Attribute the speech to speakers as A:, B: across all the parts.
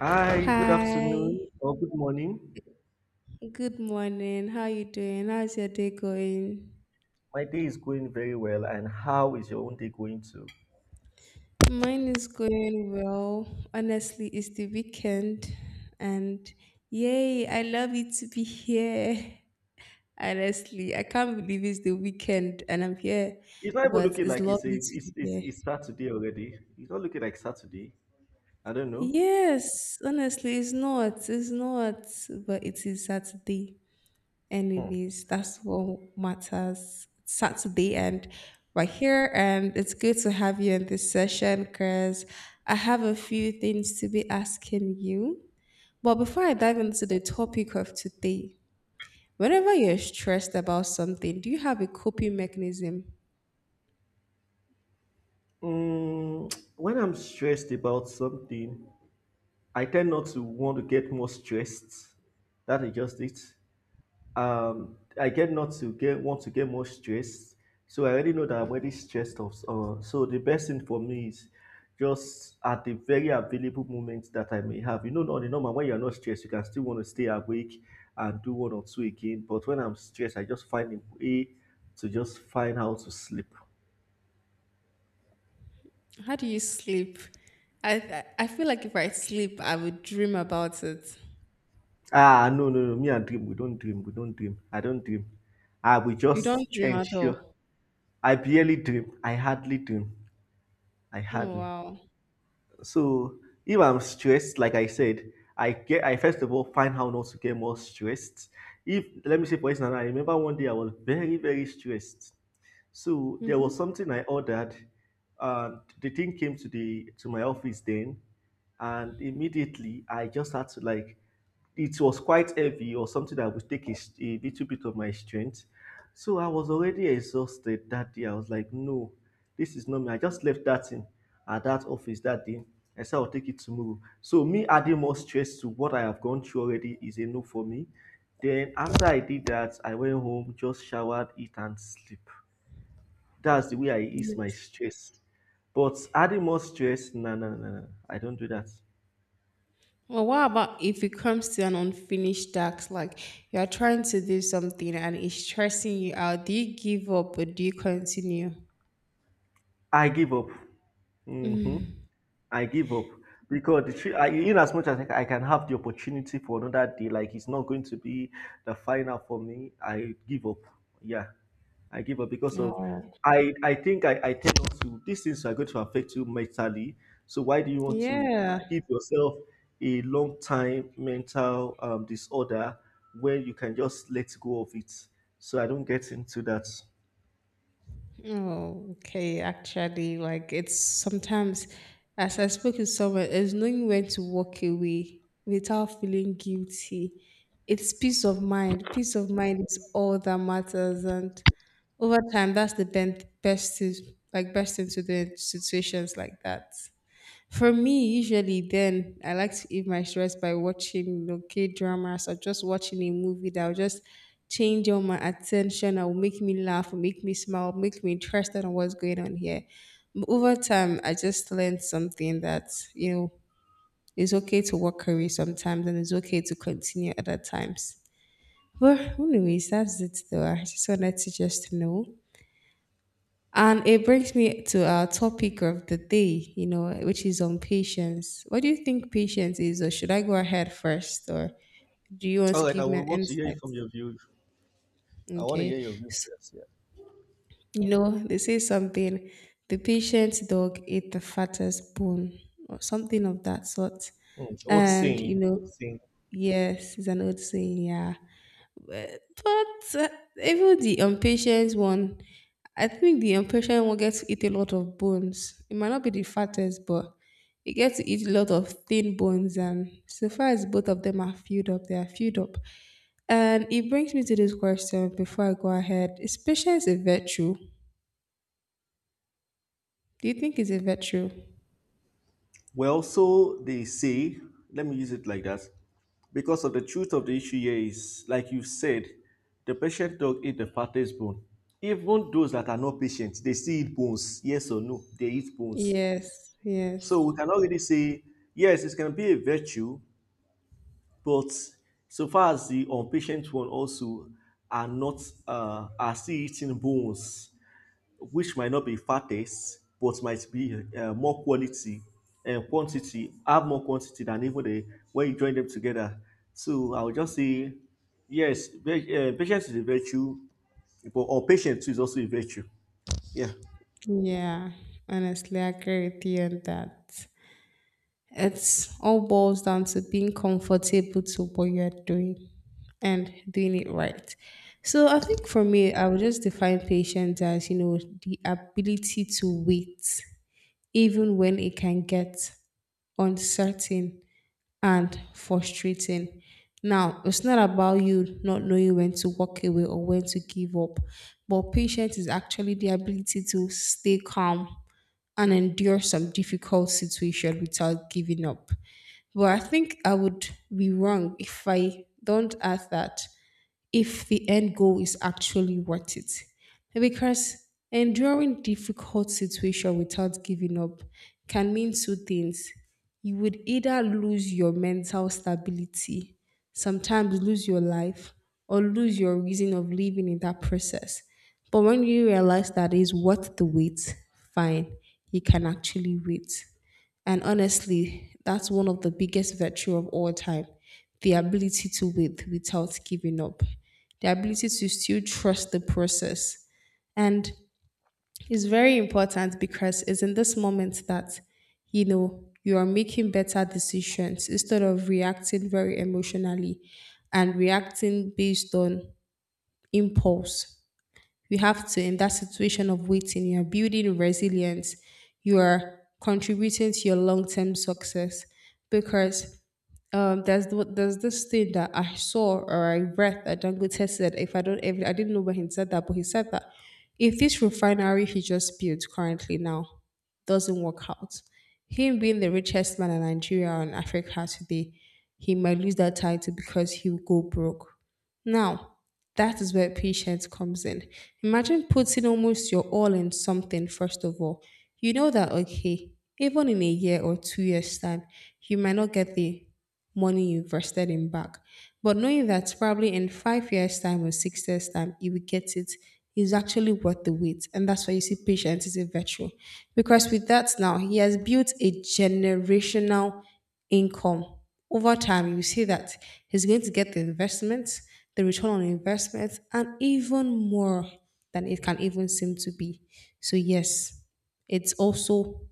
A: Hi, good
B: Hi.
A: afternoon or good morning.
B: Good morning. How you doing? How's your day going?
A: My day is going very well, and how is your own day going too?
B: Mine is going well. Honestly, it's the weekend and yay, I love it to be here. Honestly, I can't believe it's the weekend and I'm here,
A: It's not even
B: but
A: looking
B: it's
A: like it's a
B: lovely to be
A: it's it's,
B: here.
A: it's Saturday already. It's not looking like Saturday. I don't know.
B: Yes, honestly, it's not. It's not, but it is Saturday.
A: Hmm.
B: Anyways, that's what matters. It's Saturday, and we're here, and it's good to have you in this session because I have a few things to be asking you. But before I dive into the topic of today, whenever you're stressed about something, do you have a coping mechanism?
A: When I'm stressed about something, I tend not to want to get more stressed. That is just it. I get not to get want to get more stressed. So I already know that I'm already stressed off. So the best thing for me is just at the very available moment that I may have. Not the normal when you're not stressed, you can still want to stay awake and do one or two again. But when I'm stressed, I just find a way to just find how to sleep.
B: How do you sleep? I feel like if I sleep, I would dream about it.
A: Ah, no, no, no. Me and dream, we don't dream, we don't dream. I don't dream. I will
B: You
A: just
B: don't dream at
A: ensure.
B: all.
A: I barely dream. I hardly dream. I
B: Oh,
A: hardly.
B: wow.
A: So if I'm stressed, like I said, I first of all find how not to get more stressed. If let me say for instance, I remember one day I was very, very stressed. So there was
B: Mm-hmm.
A: something I ordered, and the thing came to my office then, and immediately I just had to like, it was quite heavy or something that would take a little bit of my strength. So I was already exhausted that day. I was like, no, this is not me. I just left that in at that office that day. I said I'll take it tomorrow. So me adding more stress to what I have gone through already is a no for me. Then after I did that, I went home, just showered, eat, and sleep. That's the way I ease my stress. But adding more stress, no, no, no, no. I don't do that.
B: Well, what about if it comes to an unfinished task? Like you are trying to do something and it's stressing you out. Do you give up or do you continue?
A: I give up. hmm
B: Mm.
A: I give up because the three, I, in as much as like, I, can have the opportunity for another day, like it's not going to be the final for me. I give up. Yeah, I give up because of
B: Oh,
A: I. I think I. I tend not to. These things are going to affect you mentally. So why do you want to
B: yeah.
A: give yourself a long time mental disorder when you can just let go of it? So I don't get into that.
B: Oh, okay. Actually, like it's sometimes, as I spoke with someone, is knowing when to walk away without feeling guilty. It's peace of mind. Peace of mind is all that matters, and over time, that's the best, to, like best thing to do in situations like that. For me, usually then I like to ease my stress by watching K dramas or just watching a movie that will just change all my attention and will make me laugh, will make me smile, make me interested in what's going on here. Over time, I just learned something that, you know, it's okay to walk away sometimes and it's okay to continue other times. But anyways, that's it though. I just wanted to just know. And it brings me to our topic of the day, you know, which is on patience. What do you think patience is, or should I go ahead first, or do you want to
A: All right, I
B: give me an
A: will want to hear
B: insight?
A: it from your view. I want to hear
B: Okay.
A: your view
B: S-
A: first. Yeah.
B: You know, they say something, the patient dog ate the fattest bone, or something of that sort.
A: Old
B: And, you
A: saying,
B: know,
A: old saying.
B: yes, it's an old saying, yeah. But even the impatient one, I think the impatient one gets to eat a lot of bones. It might not be the fattest, but it gets to eat a lot of thin bones. And so far as both of them are filled up, they are filled up. And it brings me to this question before I go ahead. Is patience a virtue? Do you think it's a virtue?
A: Well, so they say, let me use it like that. Because of the truth of the issue here is, like you said, the patient dog eat the fattest bone. Even those that are not patient, they still eat bones. Yes or no, they eat bones.
B: Yes,
A: So
B: yes.
A: we can already say, yes, it's going to be a virtue, but so far as the unpatient one also are not, are still eating bones, which might not be fattest, but might be more quality and quantity, have more quantity than even the when you join them together. So I would just say, yes, patience is a virtue, but or patience too is also a virtue. Yeah.
B: Yeah, honestly, I agree with you on that. It's all boils down to being comfortable to what you're doing and doing it right. So I think for me, I would just define patience as, you know, the ability to wait even when it can get uncertain and frustrating. Now, it's not about you not knowing when to walk away or when to give up, but patience is actually the ability to stay calm and endure some difficult situation without giving up. But I think I would be wrong if I don't add that if the end goal is actually worth it. Because enduring difficult situation without giving up can mean two things. You would either lose your mental stability, sometimes lose your life, or lose your reason of living in that process. But when you realize that it's worth the wait, fine, you can actually wait. And honestly, that's one of the biggest virtue of all time. The ability to wait without giving up. The ability to still trust the process. And it's very important because it's in this moment that, you know, you are making better decisions instead of reacting very emotionally and reacting based on impulse you have to in that situation of waiting you are building resilience you are contributing to your long-term success because there's this thing that I saw or I read that Dangote said if I don't if, I didn't know where he said that but he said that if this refinery he just built currently now doesn't work out him being the richest man in Nigeria and Africa today he might lose that title because he will go broke now, that is where patience comes in. Imagine putting almost your all in something, first of all. You know that, okay, even in a year or 2 years' time, you might not get the money you invested in back. But knowing that probably in 5 years' time or 6 years' time, you will get it is actually worth the wait. And that's why you see patience is a virtue. Because with that now, he has built a generational income over time, you see that he's going to get the investment, the return on investment, and even more than it can even seem to be. So, yes, it's also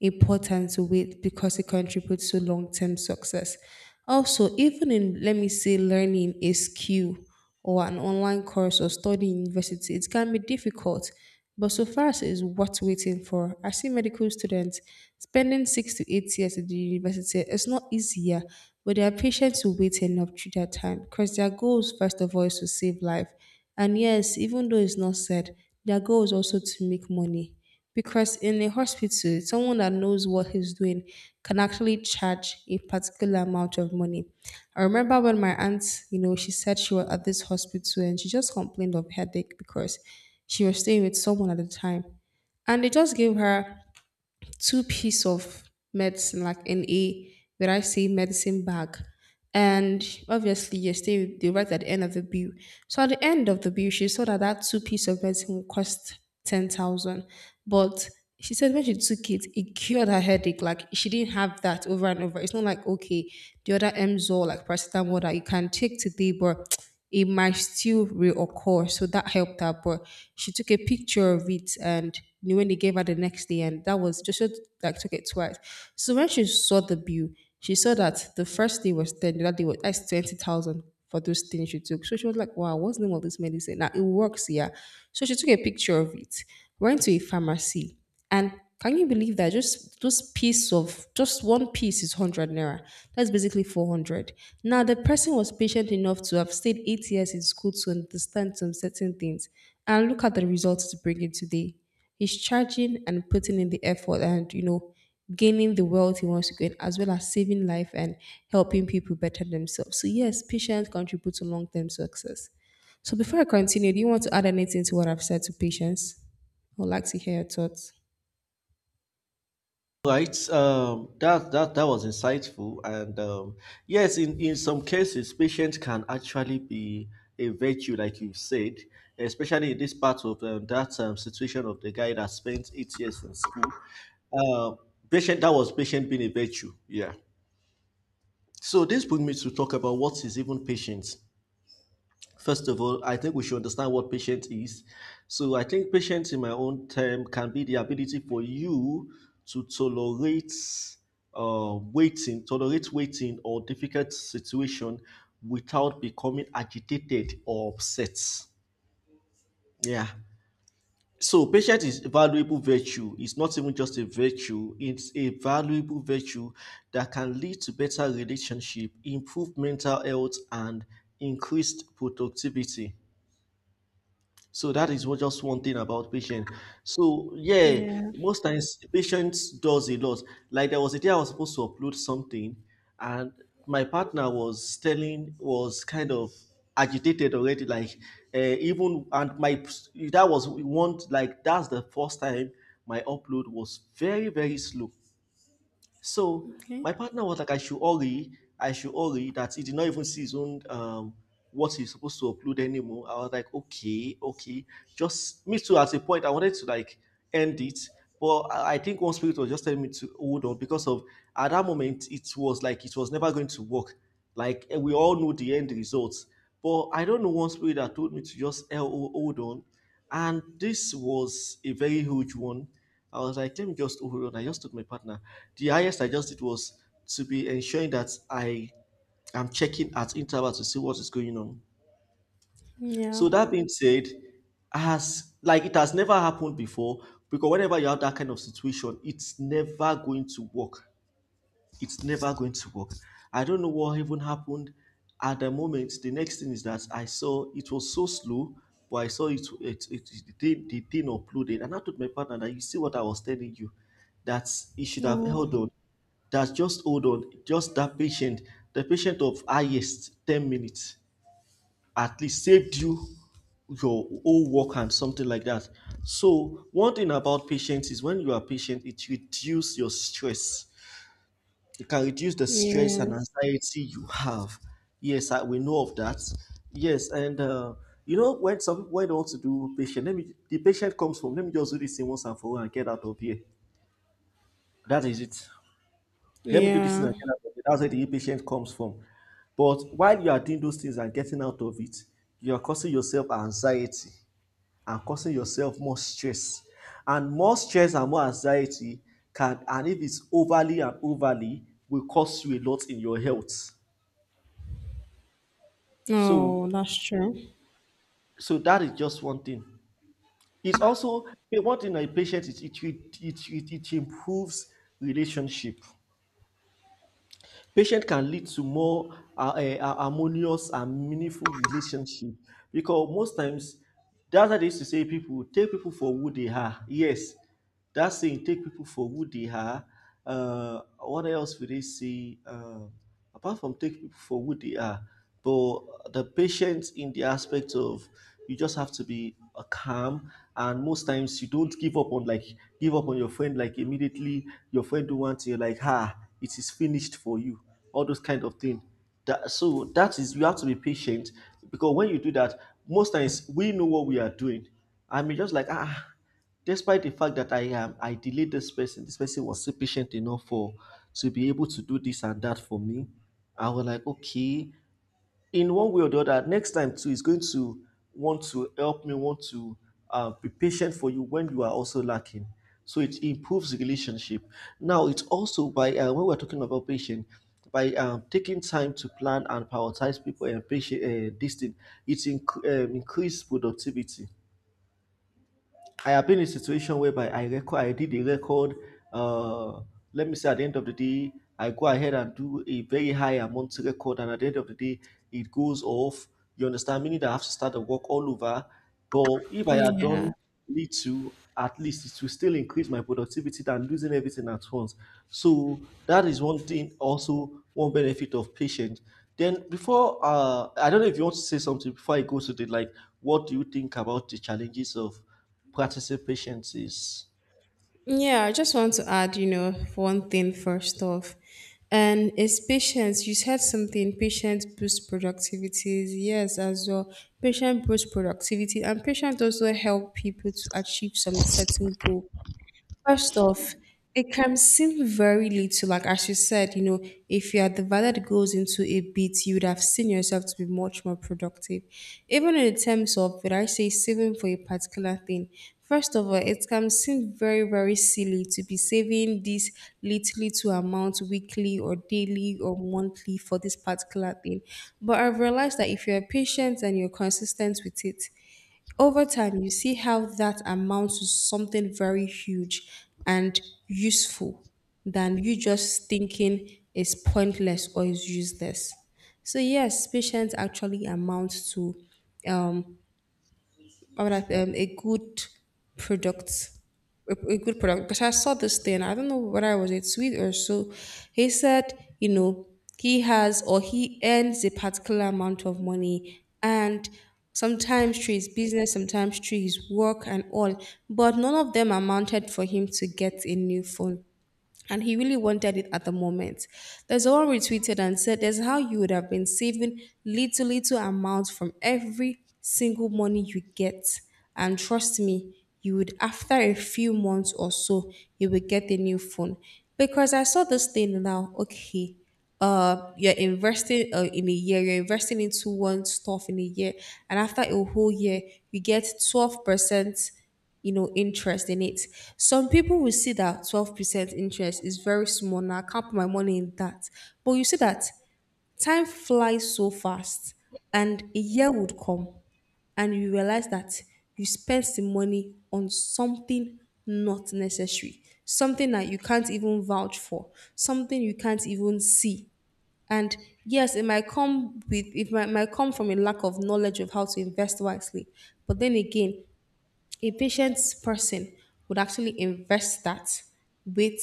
B: important to wait because it contributes to long-term success. Also, even in let me say learning a skill or an online course or studying university, it can be difficult. But so far as it is worth waiting for, I see medical students spending 6 to 8 years at the university. It's not easier, but they are patient to wait enough through that time because their goals, first of all, is to save life. And yes, even though it's not said, their goal is also to make money. Because in a hospital, someone that knows what he's doing can actually charge a particular amount of money. I remember when my aunt, you know, she said she was at this hospital and she just complained of headache because she was staying with someone at the time. And they just gave her two piece of medicine, like an A, where I say medicine bag. And obviously, yes, they write at the end of the bill. So at the end of the bill, she saw that that two piece of medicine would cost 10,000. But she said when she took it, it cured her headache. Like she didn't have that over and over. It's not like, okay, the other Mzor, like paracetamol that you can take today, but it might still reoccur. So that helped her. But she took a picture of it and you when they gave her the next day, and that was just like took it twice. So when she saw the bill, she saw that the first day was 10, the other day was that's 20,000 for those things she took. So she was like, wow, what's the name of this medicine? Now it works, yeah. So she took a picture of it, went to a pharmacy. And can you believe that just piece of just one piece is hundred naira? That's basically 400. Now the person was patient enough to have stayed 8 years in school to understand some certain things, and look at the results to bring in today. He's charging and putting in the effort, and you know, gaining the wealth he wants to gain, as well as saving life and helping people better themselves. So yes, patience contributes to long term success. So before I continue, do you want to add anything to what I've said to patience? I would like to hear your thoughts.
A: Right. That was insightful, and yes, in some cases, patience can actually be a virtue, like you said, especially in this part of that situation of the guy that spent 8 years in school. Uh, Patient that was patient being a virtue. Yeah. So this brings me to talk about what is even patience. First of all, I think we should understand what patience is. So, I think patience, in my own term, can be the ability for you to tolerate waiting or difficult situation without becoming agitated or upset. Yeah. So, patience is a valuable virtue. It's not even just a virtue, it's a valuable virtue that can lead to better relationship, improve mental health, and increased productivity. So that is what just one thing about patient. So yeah,
B: Yeah.
A: most times patients does a lot. Like there was a day I was supposed to upload something, and my partner was kind of agitated already. Like even and my that was one like that's the first time my upload was very very slow. So
B: Okay.
A: my partner was like, I should hurry that he did not even see his own what he's supposed to upload anymore. I was like, okay, okay. Just me too. At a point, I wanted to like end it, but I think one spirit was just telling me to hold on because of at that moment it was like it was never going to work. Like we all know the end results, but I don't know one spirit that told me to just hold on, and this was a very huge one. I was like, let me just overrun. I just took my partner. The highest I just did was to be ensuring that I am checking at intervals to see what is going on.
B: Yeah.
A: So that being said, has like it has never happened before because whenever you have that kind of situation, it's never going to work it's never going to work. I don't know what even happened at the moment. The next thing is that I saw it was so slow, but I saw the thing uploaded. And I told my partner that you see what I was telling you, that he should have held
B: Oh,
A: on, that just hold on, just that patient, the patient of highest 10 minutes at least saved you your whole work and something like that. So one thing about patience is when you are patient, it reduces your stress. It can reduce the stress and
B: yes.
A: anxiety you have. Yes, we know of that. Yes, and you know when some people when they want to do patient, let me the patient comes home. Let me just do this thing once and for all and get out of here. That is it. Let me do this thing
B: Yeah.
A: and get out of here. That's where the patient comes from. But while you are doing those things and getting out of it, you are causing yourself anxiety and causing yourself more stress. And more stress and more anxiety can, and if it's overly and overly, will cost you a lot in your health. So,
B: Oh, that's true.
A: so that is just one thing. It's also one thing that patience is it improves relationship. Patience can lead to more harmonious and meaningful relationship because most times that's why they used to say people take people for who they are. Yes, that saying take people for who they are what else will they say apart from take people for who they are but the patience in the aspect of you just have to be calm and most times you don't give up on your friend like immediately your friend do one thing you're like ha it is finished for you all those kind of thing that so that is you have to be patient because when you do that most times we know what we are doing. I mean, just like despite the fact that I delayed this person. This person was still patient enough for to be able to do this and that for me. I was like, okay, in one way or the other, next time too, is going to want to help me, want to be patient for you when you are also lacking. So it improves the relationship. Now it's also by when we're talking about patient, by taking time to plan and prioritize people and patient this thing, it increases productivity. I have been in a situation whereby I did a record. Uh, let me say at the end of the day, I go ahead and do a very high amount record, and at the end of the day, it goes off. You understand? Meaning that I have to start the work all over. But if I had
B: Yeah.
A: done little, at least it will still increase my productivity than losing everything at once. So that is one thing. Also, one benefit of patience. Then before, I don't know if you want to say something before I go to the like. What do you think about the challenges of participation is.
B: Yeah. I just want to add, you know, one thing first off. And it's patience. You said something, patience boosts productivity. Yes, as well. Patience boosts productivity and patience also help people to achieve some certain goal. First off, it can seem very little. Like as you said, you know, if you had divided the value that goes into a bit, you would have seen yourself to be much more productive. Even in terms of, would I say, saving for a particular thing? First of all, it can seem very, very silly to be saving this little, little amount weekly or daily or monthly for this particular thing. But I've realized that if you're patient and you're consistent with it, over time you see how that amounts to something very huge and useful than you just thinking is pointless or is useless so yes patience actually amounts to um, what would a good product a good product because I saw this thing. I don't know whether I was a tweet or so. He said, you know, he has or he earns a particular amount of money and sometimes through his business, sometimes through his work and all, but none of them amounted for him to get a new phone and he really wanted it at the moment. There's one retweeted and said, "There's how you would have been saving little little amounts from every single money you get, and trust me, you would after a few months or so, you will get a new phone." Because I saw this thing now, okay. You're investing in a year, you're investing into one stuff in a year, and after a whole year, you get 12% interest in it. Some people will see that 12% interest is very small. Now, I can't put my money in that. But you see that time flies so fast, and a year would come, and you realize that you spent the money on something not necessary, something that you can't even vouch for, something you can't even see. And yes, it might come from a lack of knowledge of how to invest wisely. But then again, a patient person would actually invest that, wait,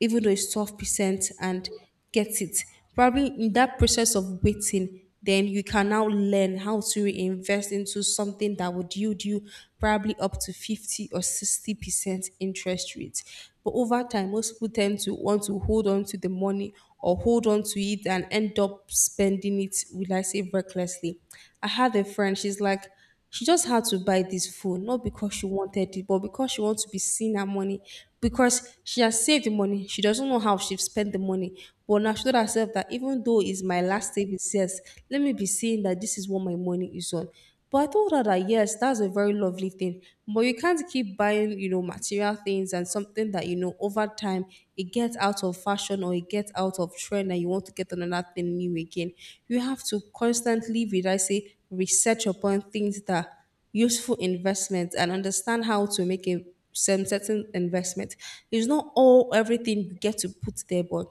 B: even though it's 12%, and get it probably in that process of waiting. Then you can now learn how to reinvest into something that would yield you probably up to 50 or 60% interest rate. But over time most people tend to want to hold on to the money or hold on to it and end up spending it, will I say, recklessly. I had a friend. She's like, she just had to buy this phone, not because she wanted it, but because she wants to be seen her money. Because she has saved the money, she doesn't know how she spent the money. But now she told herself that, even though it's my last savings, yes, let me be seeing that this is what my money is on. But I told her that yes, that's a very lovely thing. But you can't keep buying, material things and something that you know over time it gets out of fashion or it gets out of trend, and you want to get another thing new again. You have to constantly, would I say, research upon things that useful investments and understand how to make a some certain investment. It's not all everything you get to put there, but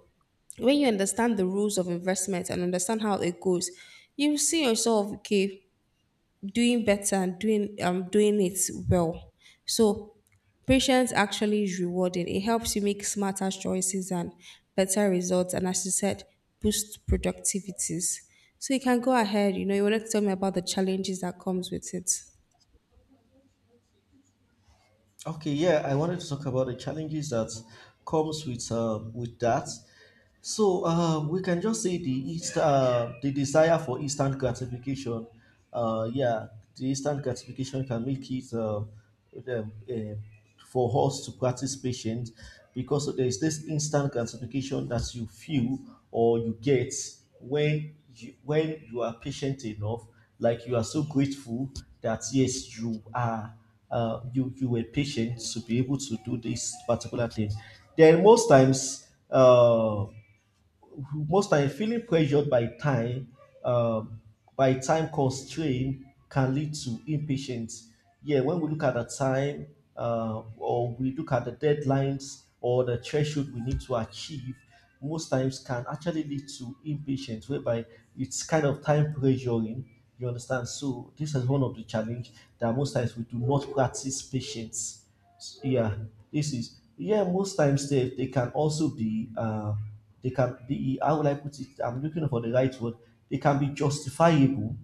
B: when you understand the rules of investment and understand how it goes, you see yourself, okay, doing better and doing it well. So patience actually is rewarding. It helps you make smarter choices and better results, and as you said, boost productivities. So you can go ahead, you wanted to tell me about the challenges that comes with it.
A: Okay, yeah, I wanted to talk about the challenges that comes with with that. So we can just say the desire for instant gratification. Yeah, the instant gratification can make it uh, for us to practice patience because there is this instant gratification that you feel or you get when when you are patient enough, like you are so grateful that yes, you are you were patient to be able to do this particular thing. Then most time feeling pressured um, by time constraint can lead to impatience, yeah, when we look at the time or we look at the deadlines or the threshold we need to achieve most times can actually lead to impatience, whereby it's kind of time pressuring, you understand. So this is one of the challenge that most times we do not practice patience, yeah. This is, yeah, most times they can also be they can be, how would I put it? I'm looking for the right word. They can be justifiable,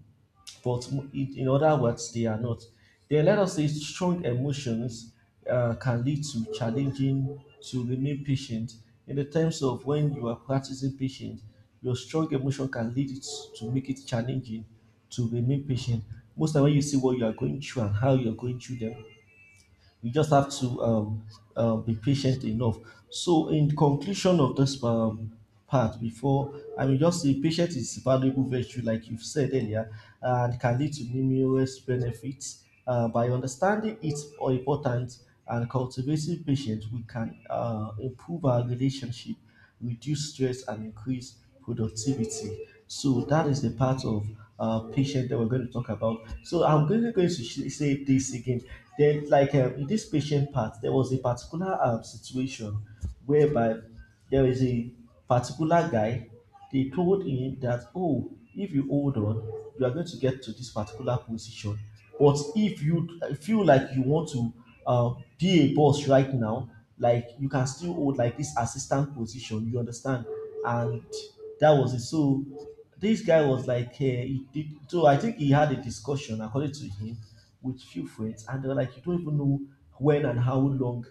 A: but in other words, they are not. Then let us say strong emotions can lead to challenging to remain patient. In the terms of when you are practicing patience, your strong emotion can lead it to make it challenging to remain patient. Most of the time when you see what you are going through and how you are going through them, you just have to be patient enough. So, in conclusion of this part, before I will just say patience is valuable virtue, like you've said earlier, and can lead to numerous benefits. By understanding its importance and cultivating patience, we can improve our relationship, reduce stress, and increase productivity. So that is the part of patient that we're going to talk about. So I'm really going to say this again. Then, like, in this patient part, there was a particular situation whereby there is a particular guy. They told him that, oh, if you hold on, you are going to get to this particular position. But if you feel like you want to uh, be a boss right now, like you can still hold like this assistant position, you understand? And that was it. So this guy was like, he did, so I think he had a discussion, according to him, with few friends, and they were like, you don't even know when and how long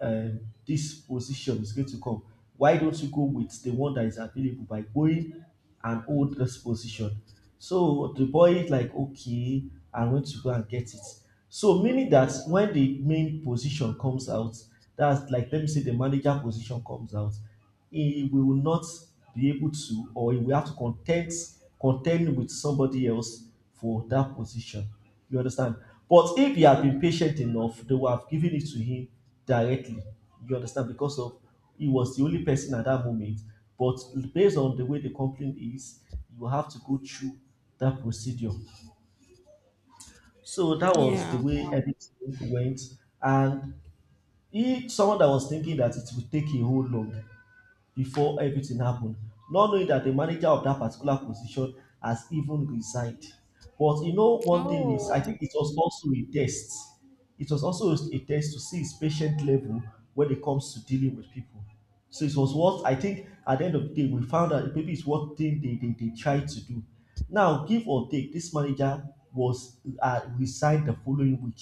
A: um, this position is going to come. Why don't you go with the one that is available by going and hold this position? So the boy is like, okay, I'm going to go and get it. So meaning that when the main position comes out, that's like, let me say the manager position comes out, he will not be able to, or he will have to contend with somebody else for that position. You understand? But if he had been patient enough, they would have given it to him directly. You understand? Because of, he was the only person at that moment. But based on the way the complaint is, you have to go through that procedure. So that was the
B: Yeah.
A: way everything went. And he, someone that was thinking that it would take a whole long before everything happened, not knowing that the manager of that particular position has even resigned. But you know, one thing is, I
B: Oh,
A: think it was also a test. It was also a test to see his patient level when it comes to dealing with people. So it was what I think at the end of the day, we found out maybe it's what thing they tried to do. Now, give or take, this manager was resigned the following week,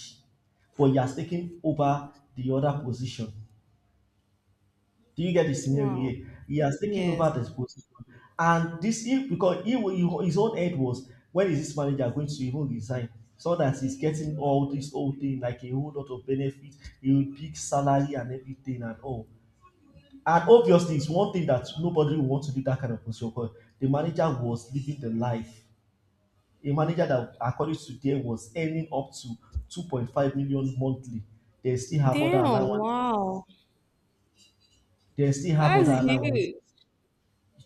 A: but he has taken over the other position. Do you get the scenario
B: wow.
A: here? He has taken
B: Yes.
A: over this position. And this, he, because he, his own head was, when is this manager going to even resign? So that he's getting all this whole thing, like a whole lot of benefits, he will pick salary and everything and all. And obviously, it's one thing that nobody will want to do that kind of position because the manager was living the life. A manager that, according to them, was earning up to 2.5 million monthly. They still have other
B: Damn,
A: allowance.
B: wow.
A: They still have
B: That's
A: other allowance.
B: huge.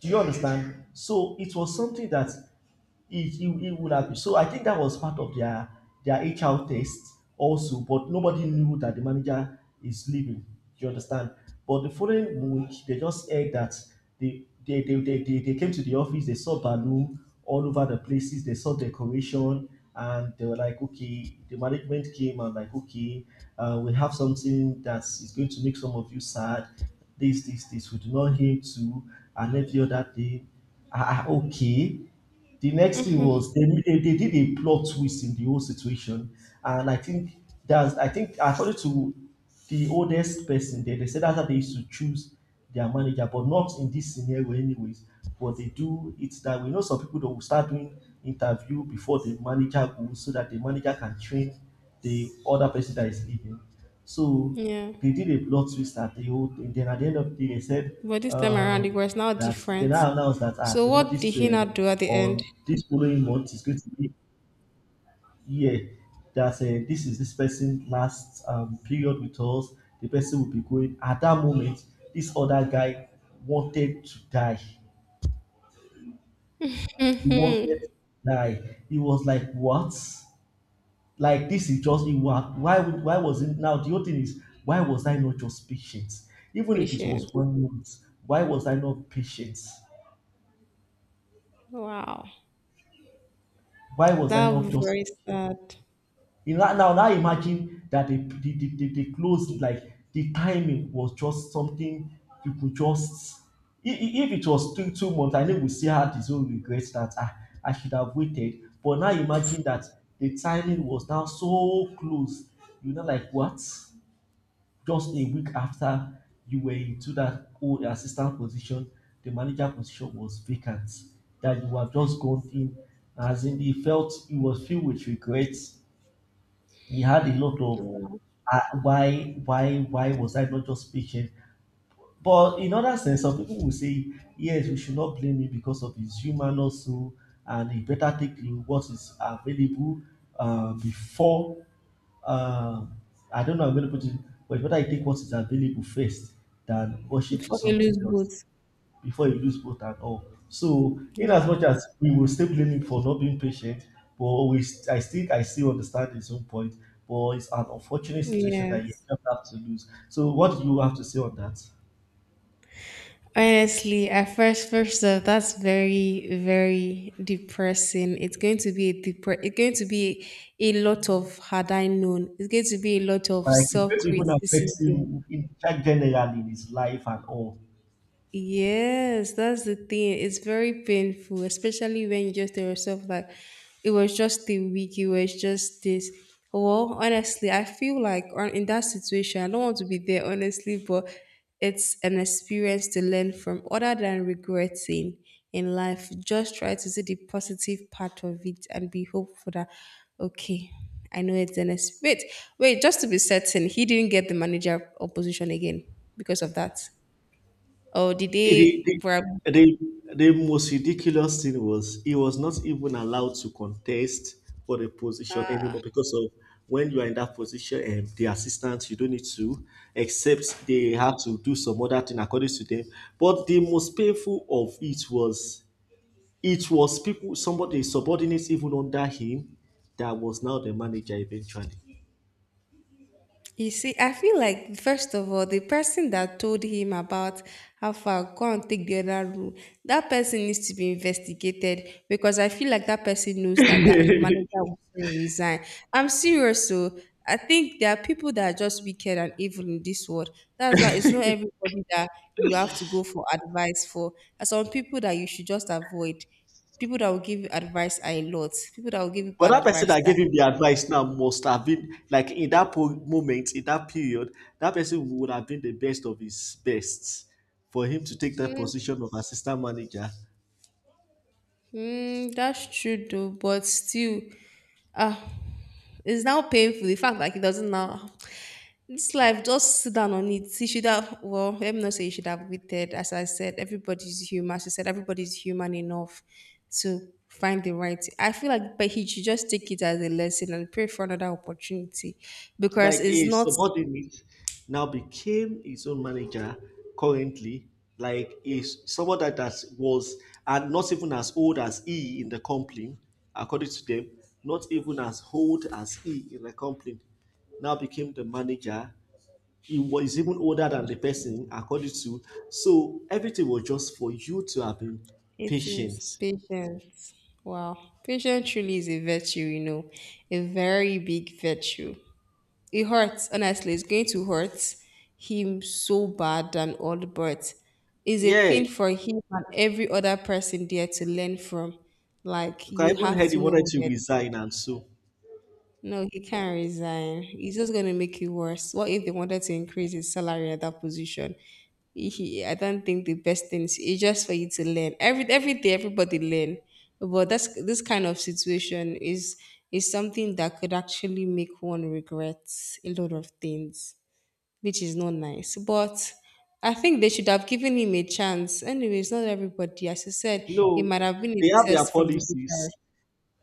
A: Do you understand? So it was something that it would have been. So I think that was part of their HR test also, but nobody knew that the manager is leaving. Do you understand? But the following week, they just heard that they came to the office, they saw balloon all over the places, they saw decoration, and they were like, okay, the management came and like, okay, we have something that is going to make some of you sad. This, we do not him to, and every other thing. Okay, the next thing
B: Hmm.
A: was they did a plot twist in the whole situation. And I think that's, I think, according to the oldest person there, they said that's how they used to choose their manager, but not in this scenario, anyways. But they do it that we know some people that will start doing interview before the manager goes so that the manager can train the other person that is leaving. So
B: Yeah.
A: they did a plot twist at the whole thing. Then at the end of the day, they said,
B: But this time around, it
A: um,
B: was now
A: that they
B: different.
A: now announced that,
B: So
A: the
B: what did
A: Madis
B: he not do at the
A: on this following month is going to be, yeah, that this is this person's last period with us. The person will be going. At that moment, this other guy wanted to die. He wanted
B: end?
A: to die. He was like, what? Like this is just, it was, why would, why was it now, the whole thing is, why was I not just patient? Even if it was
B: Patience.
A: 1 month, why was I not patient?
B: Wow.
A: Why was I
B: That would
A: not
B: be
A: just
B: very
A: patient?
B: sad.
A: You know, now imagine that they closed, like the timing was just something you could just, if it was two months, I know we still had his own regret that, ah, I should have waited. But now imagine that the timing was now so close, you know, like what. Just a week after you were into that old assistant position, the manager position was vacant that you have just gone in. As in, he felt he was filled with regrets. He had a lot of
B: Wow.
A: why, why was I not just patient? But in other sense, some people will say, yes, we should not blame him because of his human also, and he better take the, what is available before. uh, I don't know. I'm going to put it, but it's better I take what is available first than rush it to
B: Before he
A: something
B: lose
A: else
B: both.
A: before you lose both and all. So, in
B: Yeah.
A: as much as we will still blame him for not being patient, but we, I think I still understand his own point. But it's an unfortunate situation that you
B: Yes.
A: just have to lose. So, what do you have to say on that?
B: Honestly, first off, that's very, very depressing. It's going to be a lot of had I known. It's going to be a lot of
A: Like, it's
B: self
A: going to even affect
B: criticism.
A: him in generally in his life and all.
B: Yes, that's the thing. It's very painful, especially when you just tell yourself like it was just a week, it was just this. Well, honestly, I feel like on in that situation, I don't want to be there, honestly, but it's an experience to learn from other than regretting in life. Just try to see the positive part of it and be hopeful that, okay, I know it's an experience. Wait, wait, just to be certain, he didn't get the manager opposition again because of that. Or did they
A: The,
B: probably.
A: the, the most ridiculous thing was he was not even allowed to contest for the position anymore because of, when you are in that position and the assistant you don't need to, except they have to do some other thing, according to them. But the most painful of it was, it was people, somebody, subordinates even under him, that was now the manager eventually.
B: You see, I feel like first of all, the person that told him about how far go and take the other route, that person needs to be investigated because I feel like that person knows that the manager will soon resign. I'm serious, so I think there are people that are just wicked and evil in this world. That's why it's not everybody that you have to go for advice for. There are some people that you should just avoid. People that will give you advice are a lot. People that will give you
A: But
B: bad
A: that person
B: advice
A: that
B: that
A: gave him the
B: a lot.
A: advice now must have been like in that moment, in that period, that person would have been the best of his best for him to take that
B: Hmm.
A: position of assistant manager.
B: Mm, that's true though, but still, ah, it's now painful. The fact like it doesn't now. This life, just sit down on it. You should have, well, let me not say you should have waited. As I said, everybody's human. As I said, everybody's human enough to find the right. I feel like, but he should just take it as a lesson and pray for another opportunity
A: Like
B: because it's
A: a
B: not.
A: subordinate now became his own manager currently, like is someone that was, and not even as old as he in the company, according to them, not even as old as he in the company, now became the manager. He was even older than the
B: That's true.
A: person, according to. So everything was just for you to have been
B: It is
A: patient.
B: patience. Wow. Patience truly is a virtue, a very big virtue. It hurts, honestly. It's going to hurt him so bad and all, but it's a
A: Yeah,
B: thing for him and every other person there to learn from. Like,
A: because
B: you
A: I even
B: have
A: heard he
B: to know
A: wanted
B: what
A: to
B: you're.
A: resign and so.
B: No, he can't resign. It's just going to make it worse. What if they wanted to increase his salary at that position? He, I don't think the best thing is it's just for you to learn. Every day, everybody learn. But that's this kind of situation is something that could actually make one regret a lot of things, which is not nice. But I think they should have given him a chance. Anyways, not everybody, as you said, it
A: No,
B: might have been a
A: they have their
B: test from the HR.
A: policies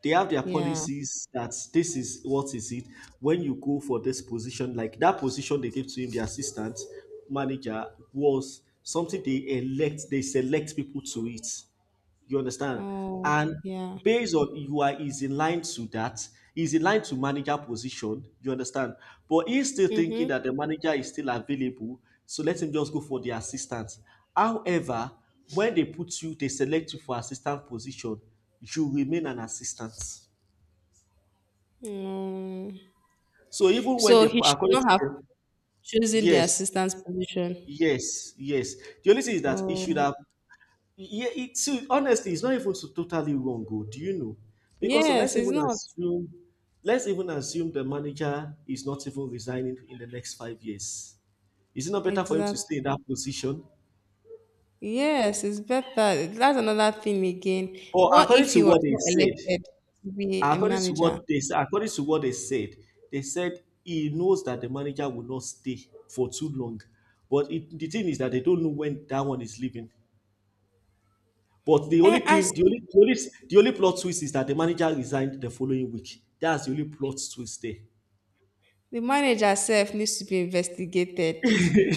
A: they have their
B: Yeah.
A: policies that this is what is it. When you go for this position, like that position they gave to him, the assistant manager, was something they elect they select people to it. You understand?
B: Oh,
A: And
B: yeah.
A: based on, you are, is in line to that, is in line to manager position. You understand? But he's still thinking
B: Mm-hmm.
A: that the manager is still available, so let him just go for the assistant. However, when they put you, they select you for assistant position, you remain an assistant.
B: Mm.
A: So even when they,
B: So he should
A: according to
B: not have
A: them,
B: chosen the
A: yes,
B: assistant's position.
A: yes, yes. The only thing is that it should
B: Oh,
A: have. Yeah, it too. Honestly, it's not even so totally wrong, oh, do you know? Because so
B: yes, it's not.
A: let's even assume the manager is not even resigning in the next 5 years. Is it not better for him to stay
B: Exactly.
A: in that position?
B: Yes, it's better. That's another thing again.
A: But
B: What
A: according
B: if he
A: to
B: was
A: what they
B: not
A: said,
B: elected to be a
A: according to
B: manager?
A: what they said, according to what they said, they said he knows that the manager will not stay for too long. But the thing is that they don't know when that one is leaving. But the
B: Eh,
A: only
B: as.
A: team, the only, the only, the only plot twist is that the manager resigned the following week. That's the only plot twist there. Do
B: The manager self needs to be investigated.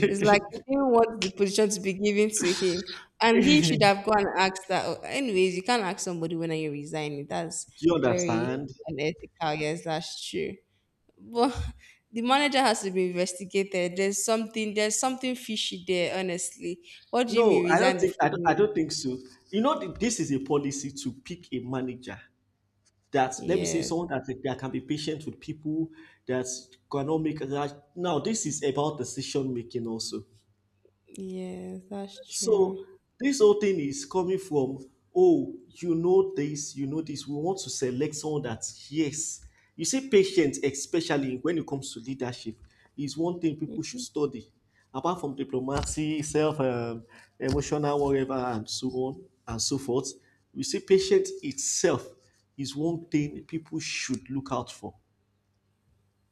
B: It's like he didn't want the position to be given to him, and he should have gone and asked that. Oh, anyways, you can't ask somebody when are you resigning. That's
A: you
B: very
A: understand?
B: unethical. Yes, that's true. But the manager has to be investigated. There's something. There's something fishy there. Honestly, what do you mean
A: No,
B: resign the
A: I
B: following week?
A: don't think so. You know, this is a policy to pick a manager that, let me say,
B: Yes,
A: someone that, can be patient with people, that cannot make a now. This is about decision making also.
B: yes, that's true.
A: So this whole thing is coming from, oh, you know you know this. We want to select someone that, yes. You see, patience, especially when it comes to leadership, is one thing people should
B: Mhm.
A: study. Apart from diplomacy, self, emotional, whatever, and so on and so forth, you see, patience itself is one thing people should look out for.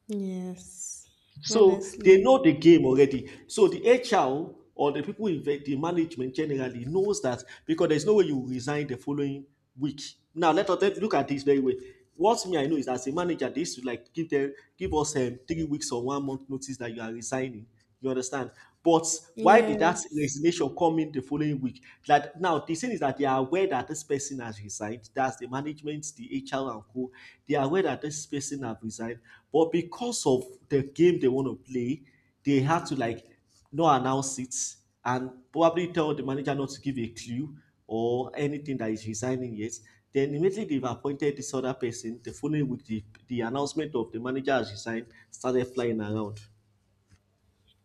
B: Yes,
A: So they
B: honestly,
A: know the game already. So the HR or the people in the management generally knows that, because there's no way you resign the following week. Now let us look at this very way. What me I know is, as a manager, they used to like give us 3 weeks or one month notice that you are resigning. You understand? But why did that
B: yes.
A: resignation come in the following week? That now the thing is that they are aware that this person has resigned. That's the management, the HR and co. They are aware that this person have resigned. But because of the game they want to play, they had to like not announce it and probably tell the manager not to give a clue or anything that is resigning yet. Then immediately they've appointed this other person. The following week, the announcement of the manager has resigned started flying around.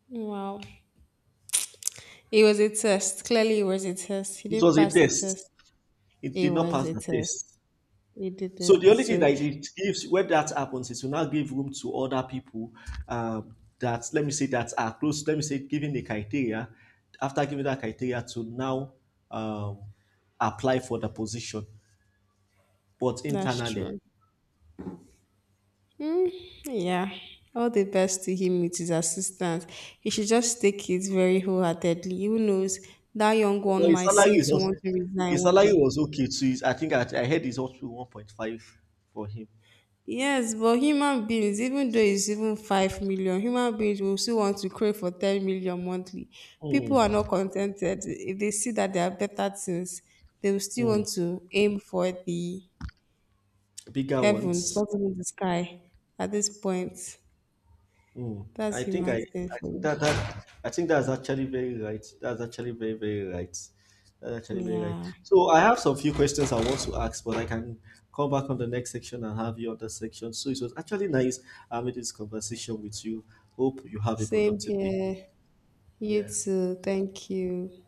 B: Wow. It was a test. Clearly, it was a test. He
A: It
B: didn't
A: was a
B: pass the
A: test.
B: test.
A: It
B: It
A: did not
B: was
A: pass
B: a
A: the
B: test.
A: test.
B: He
A: So
B: didn't.
A: the only thing
B: So
A: that it gives when that happens is to now give room to other people, that, let me say, that are close. Let me say giving the criteria, after giving that criteria to now, um, apply for the position, but
B: that's
A: internally.
B: true. Mm, yeah. All the best to him with his assistance. He should just take it very wholeheartedly. Who knows? That young
A: But
B: one might seem to want to resign
A: his
B: one
A: salary
B: day.
A: was okay too. I think I heard it's also 1.5 for him.
B: Yes, but human beings, even though it's even 5 million, human beings will still want to crave for 10 million monthly.
A: Mm,
B: People are not contented. If they see that there are better things, they will still
A: mm.
B: want to aim for the
A: Bigger
B: Heaven, it's
A: ones.
B: not even the sky at this point.
A: Mm.
B: That's human thing
A: I
B: for
A: think
B: me.
A: that, that I think that's actually very right. That's actually very very right. That's actually very right.
B: Yeah.
A: So I have some few questions I want to ask, but I can come back on the next section and have you on that section. So it was actually nice having this conversation with you. Hope you have a
B: Same
A: productive day.
B: here. You
A: Yeah.
B: too. Thank you.